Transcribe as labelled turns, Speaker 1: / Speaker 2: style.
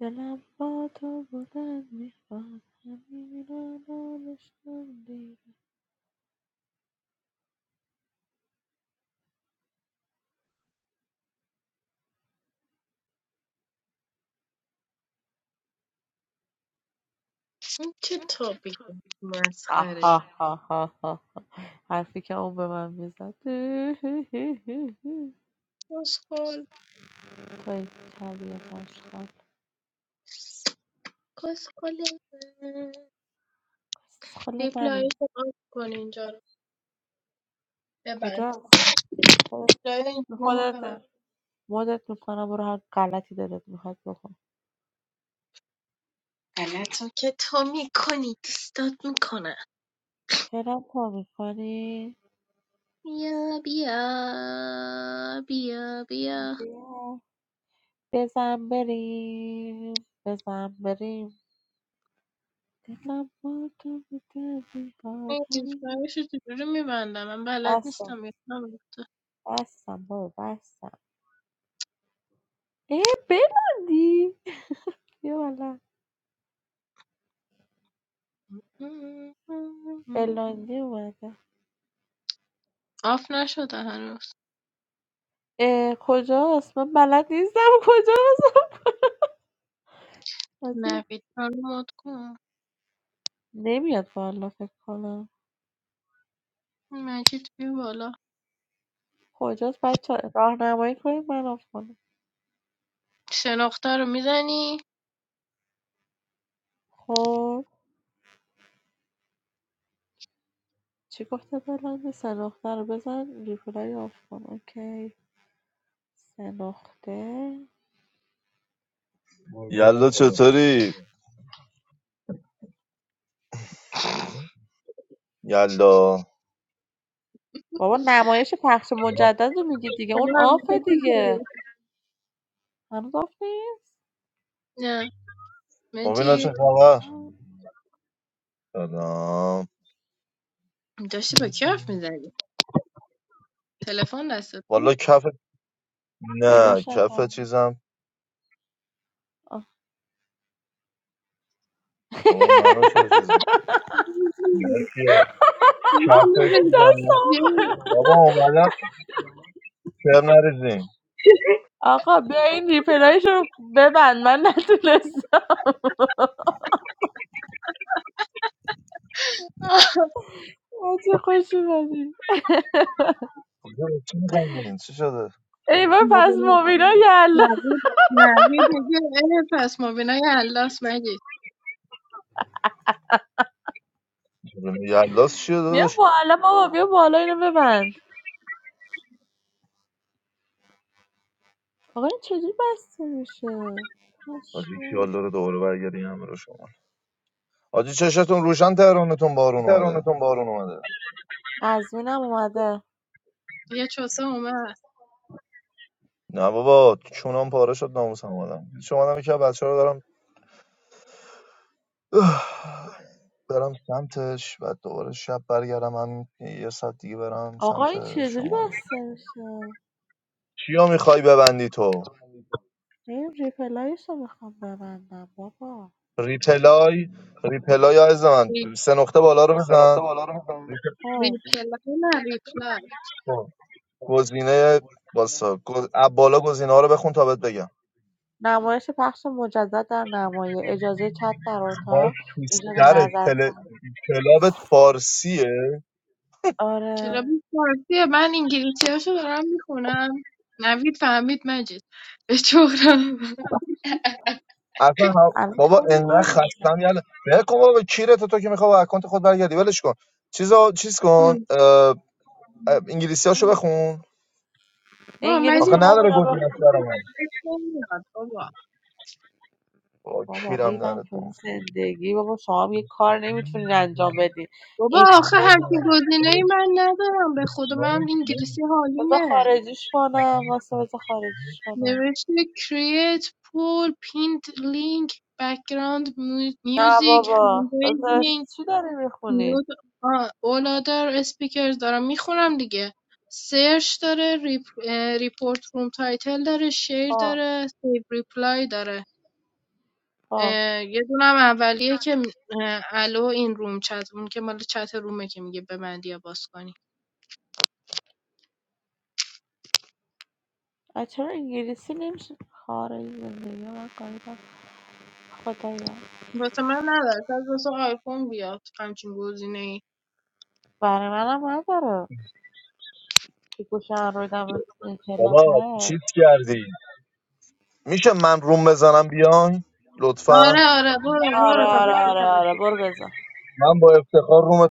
Speaker 1: دلم با تو بودن میخواد همین الان عشقم دیره
Speaker 2: این چه تابی
Speaker 1: آه،
Speaker 2: مسخره
Speaker 1: آه، آه، آه، حرفی که اون به من میزد توی
Speaker 2: کسخل
Speaker 1: طبیعت عشقم
Speaker 2: کسخل
Speaker 1: خیلی
Speaker 2: دیپ
Speaker 1: منی
Speaker 2: لایف رو آف کن اینجا رو ببند
Speaker 1: کجاست خودت
Speaker 2: لایف این رومو ببند
Speaker 1: خودت- مدت میکنم برو هر غلطی دلت میخواد بکن
Speaker 2: غلطا که تو میکنی دوستات میکنه
Speaker 1: فعلا تو میکنی
Speaker 2: بیا بیا بیا بیا
Speaker 1: بیا بزن بریم بزن بریم دلم با تو بوده بیهات
Speaker 2: این دیپ
Speaker 1: همین
Speaker 2: لایف رو چجوری میبندم من بلد
Speaker 1: بستم
Speaker 2: نیستم یادم رفته.
Speaker 1: بستم بابا بستم ای بلاندی بیا بالا بلاندی اومده
Speaker 2: آف نشده هنوز
Speaker 1: اه، کجاست من بلد نیستم کجاست عجیب.
Speaker 2: نوید من مد کن
Speaker 1: نمیاد بالا فکر کنم
Speaker 2: مجید بیا بالا
Speaker 1: کجاست بچه راهنمایی کنید من آف کنم
Speaker 2: شناخته رو میزنی
Speaker 1: خب چی گفته بلندی سه نقطه رو بزن ریپلای آف کن اوکی سه نقطه
Speaker 3: یلا چطوری؟ یلا
Speaker 1: بابا نمایش پخش مجدد رو میگی دیگه اون
Speaker 2: خوبم.
Speaker 1: آفه
Speaker 2: تو چطوری؟
Speaker 1: دیگه هنوز آف نیست
Speaker 2: نه
Speaker 3: مبینا چه
Speaker 2: مجید
Speaker 1: آها.
Speaker 3: خبر؟ سلام
Speaker 2: داشتی با کی حرف میزدی تلفن دستت
Speaker 3: والا
Speaker 2: بود
Speaker 3: کف نه
Speaker 1: پیداش نکردم
Speaker 3: کف چیزم
Speaker 1: آه.
Speaker 3: بابا منو چه چیز می‌کنی؟ بچه‌ها، کف چیزم
Speaker 1: دستم خورد.
Speaker 3: بابا اومدم کر نریزین
Speaker 1: آقا بیا این ریپلایش رو ببند من نتونستم
Speaker 2: آه.
Speaker 1: چه خوشی بدی
Speaker 3: کجا چی می‌خندین؟ چی شده؟
Speaker 1: ای بابا، پس
Speaker 2: مبینا
Speaker 1: موبینا یالا
Speaker 2: نوید نوید میگه اه، پس مبینای الاس مجید
Speaker 3: یلاس چیه
Speaker 1: بیا
Speaker 3: داداش؟
Speaker 1: بالا بابا بیا بالا اینو ببند آقا این چجوری بسته میشه
Speaker 3: حاجی
Speaker 1: پشمام.
Speaker 3: یالا رو دوباره برگردی همه رو شما حاجی چشتون روشن تهرانتون بارون اومده
Speaker 1: قزوینم اومده
Speaker 2: یه چوسه اومد
Speaker 3: نه بابا چونم پاره شد ناموسم اومدم شما آدم که بچه رو دارم برم سمتش و دوباره شب برگردم هم یه ساعت دیگه برم
Speaker 1: آقا
Speaker 3: سمت
Speaker 1: این چجوری
Speaker 3: شمال
Speaker 1: بسته میشه
Speaker 3: چیا میخوای ببندی تو
Speaker 1: این ریپلایش رو میخوام ببندم بابا
Speaker 3: ریپلای ریپلای عزیز من
Speaker 2: ری-
Speaker 3: سه نقطه بالا رو بزن
Speaker 1: خب
Speaker 2: ریپلای نه ریپلای
Speaker 3: ریپلای. گزینه واسا گز... اب بالا گزینه ها رو بخون تا بهت بگم
Speaker 1: نمایش پخش مجدد در نمایه، اجازه چت در
Speaker 3: باش
Speaker 1: اتاق،
Speaker 3: تو
Speaker 1: ایجاد
Speaker 3: سر تل...
Speaker 1: نظرسنجی
Speaker 3: کلابت فارسیه
Speaker 1: آره،
Speaker 2: کلابی فارسیه من انگلیسی هاشو دارم میخونم نوید فهمید مجید به چهرم
Speaker 3: اصلا هم...
Speaker 1: الان
Speaker 3: بابا
Speaker 1: فون
Speaker 3: انقدر
Speaker 1: من
Speaker 3: خستم
Speaker 1: می‌زنه.
Speaker 3: یالا بگو بابا کیرت تو که میخوای با اکانت خود برگردی ولش کن چیزا چیز کن اه... اه، انگلیسی هاشو بخون
Speaker 2: با
Speaker 1: انگلیسی
Speaker 3: آخه
Speaker 2: مجید به
Speaker 1: رو
Speaker 3: نداره
Speaker 1: مبینا
Speaker 3: گزینش
Speaker 1: بخون.
Speaker 3: برام
Speaker 2: خودت نمیاد بابا.
Speaker 3: با
Speaker 1: بابا
Speaker 3: کیرم
Speaker 1: ریدم
Speaker 3: داره
Speaker 1: تو این زندگی بابا شما هم یه کار نمیتونین انجام بدین
Speaker 2: بابا
Speaker 1: ای
Speaker 2: آخه
Speaker 1: خدا
Speaker 2: همچین گزینه ای من ندارم به خدا من انگلیسی
Speaker 1: بذار
Speaker 2: حالیمه
Speaker 1: خارجیش کنم واسه بذار خارجیش کنم
Speaker 2: نوشته create pull pinned link background mu-
Speaker 1: نه
Speaker 2: music
Speaker 1: بابا
Speaker 2: Handwriting,
Speaker 1: بذار
Speaker 2: raising
Speaker 1: چی داری میخونی
Speaker 2: mute آه، all other speakers دارم میخونم دیگه سرچ داره ریپ... ریپورت روم تایتل داره شیر
Speaker 1: خب
Speaker 2: داره سیو ریپلای داره
Speaker 1: خب
Speaker 2: اه، یه دونم اولیه که اه، الو این روم چت اون که مال چت رومه که میگه ببندی یا باز کنی.
Speaker 1: آ، چرا انگلیسی نمیشه خارج زندگی من کاری دارم. خدایا
Speaker 2: واسه من نداره شاید واسه آیفون بیاد همچین گزینه ای
Speaker 1: برای منم نداره که گوشم رو دم کلاب
Speaker 3: بابا چیت
Speaker 1: هست
Speaker 3: کردی میشه من روم بزنم بیاین لطفا
Speaker 2: آره آره برو
Speaker 1: آره
Speaker 2: برو تا
Speaker 1: آره
Speaker 2: به
Speaker 1: آره آره برو بزن
Speaker 3: من با افتخار روم